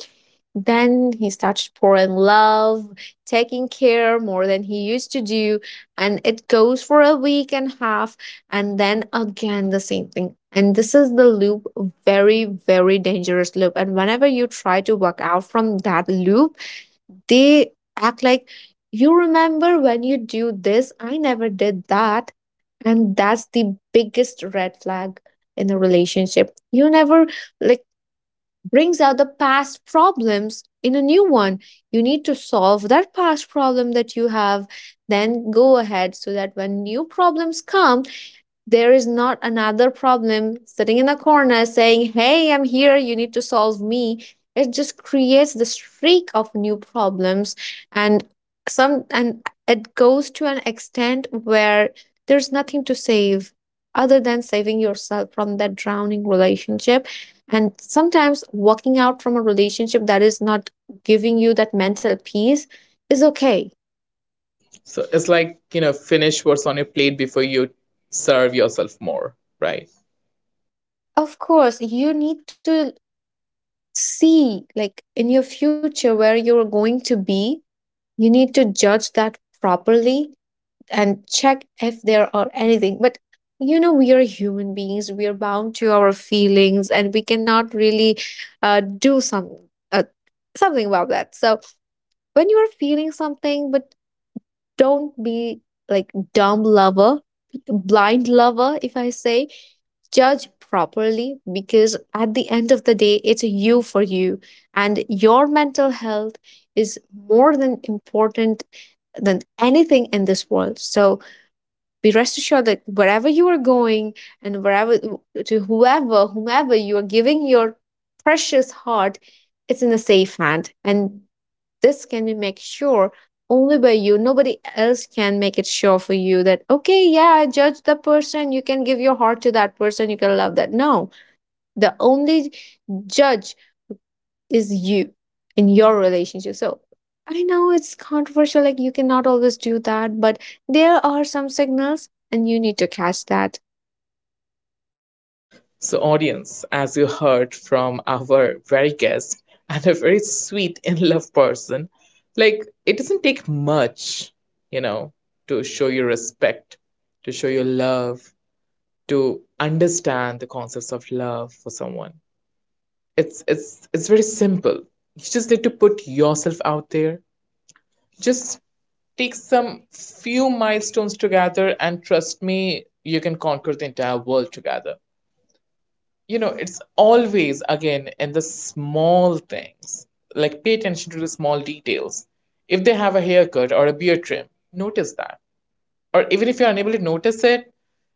then he started pouring love, taking care more than he used to do, and it goes for a week and a half, and then again the same thing, and this is the loop. Very, very dangerous loop. And whenever you try to walk out from that loop, they act like, you remember when you do this, I never did that. And that's the biggest red flag. In a relationship, you never, like, brings out the past problems in a new one. You need to solve that past problem that you have, then go ahead, so that when new problems come, there is not another problem sitting in the corner saying, hey, I'm here, you need to solve me. It just creates the streak of new problems. And some and it goes to an extent where there's nothing to save, other than saving yourself from that drowning relationship. And sometimes walking out from a relationship that is not giving you that mental peace is okay.
So it's like, you know, finish what's on your plate before you serve yourself more, right?
Of course, you need to see, like, in your future, where you're going to be. You need to judge that properly and check if there are anything. But you know, we are human beings, we are bound to our feelings, and we cannot really, uh, do some, uh, something about that. So, when you are feeling something, but don't be like dumb lover, blind lover, if I say. Judge properly, because at the end of the day, it's you for you, and your mental health is more than important than anything in this world. So be rest assured that wherever you are going, and wherever, to whoever, whomever you are giving your precious heart, it's in a safe hand. And this can be make sure only by you. Nobody else can make it sure for you that, okay, yeah, I judge the person, you can give your heart to that person, you can love that. No. The only judge is you in your relationship. So, I know it's controversial, like you cannot always do that, but there are some signals and you need to catch that.
So, audience, as you heard from our very guest and a very sweet, in love person, like it doesn't take much, you know, to show your respect, to show your love, to understand the concepts of love for someone. It's it's it's very simple. You just need to put yourself out there. Just take some few milestones together, and trust me, you can conquer the entire world together. you know, it's always again in the small things. Like, pay attention to the small details. If they have a haircut or a beard trim, notice that. Or even if you're unable to notice it,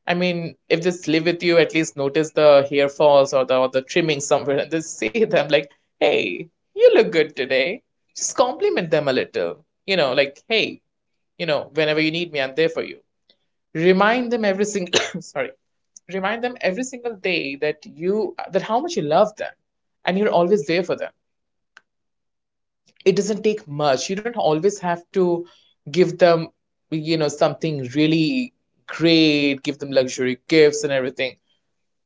I mean, if they live with you, at least notice the hair falls or the or the trimming somewhere, and just say them like, "Hey, you look good today." Just compliment them a little. You know, like, "Hey, you know, whenever you need me, I'm there for you." Remind them every single sorry, remind them every single day that you that how much you love them, and you're always there for them. It doesn't take much. You don't always have to give them you know something really great, give them luxury gifts and everything.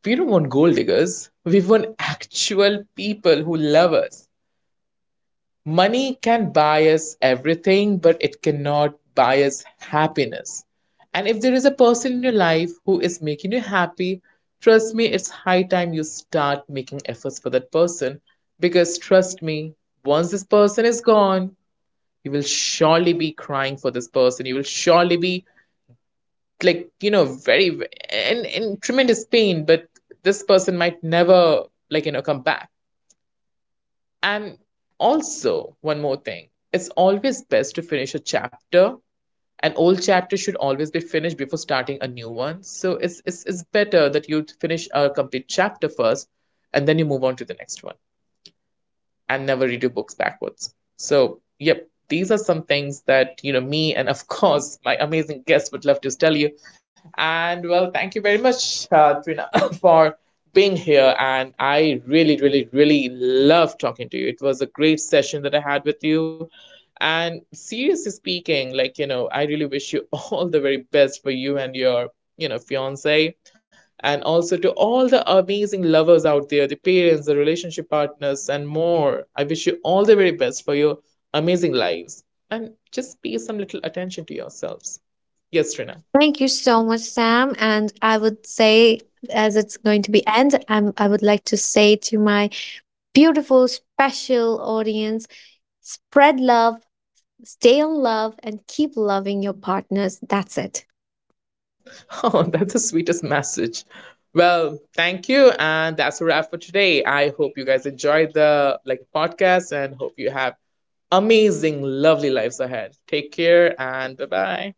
We don't want gold diggers, we want actual people who love us. Money can buy us everything, but it cannot buy us happiness. And if there is a person in your life who is making you happy, trust me, it's high time you start making efforts for that person. Because trust me, once this person is gone, you will surely be crying for this person. You will surely be, like, you know, very, in, in tremendous pain, but this person might never, like, you know, come back. And also, one more thing, it's always best to finish a chapter. An old chapter should always be finished before starting a new one. So it's, it's, it's better that you finish a complete chapter first, and then you move on to the next one, and never read your books backwards. So, yep, these are some things that, you know, me and of course my amazing guest would love to tell you. And well, thank you very much, uh, Trina, for being here. And I really, really, really love talking to you. It was a great session that I had with you. And seriously speaking, like, you know, I really wish you all the very best for you and your, you know, fiance and also to all the amazing lovers out there, the parents, the relationship partners, and more. I wish you all the very best for your amazing lives. And just pay some little attention to yourselves.
Yes,
Yes,
sir.
Trina.
Thank you so much, Sam. And I would say, as it's going to be end, I'm, I would like to say to my beautiful, special audience. Spread love, stay in love, and keep loving your partners. That's it.
Oh, that's the sweetest message. Well, thank you, and that's a wrap for today. I hope you guys enjoyed the like podcast, and hope you have amazing, lovely lives ahead. Take care and bye bye.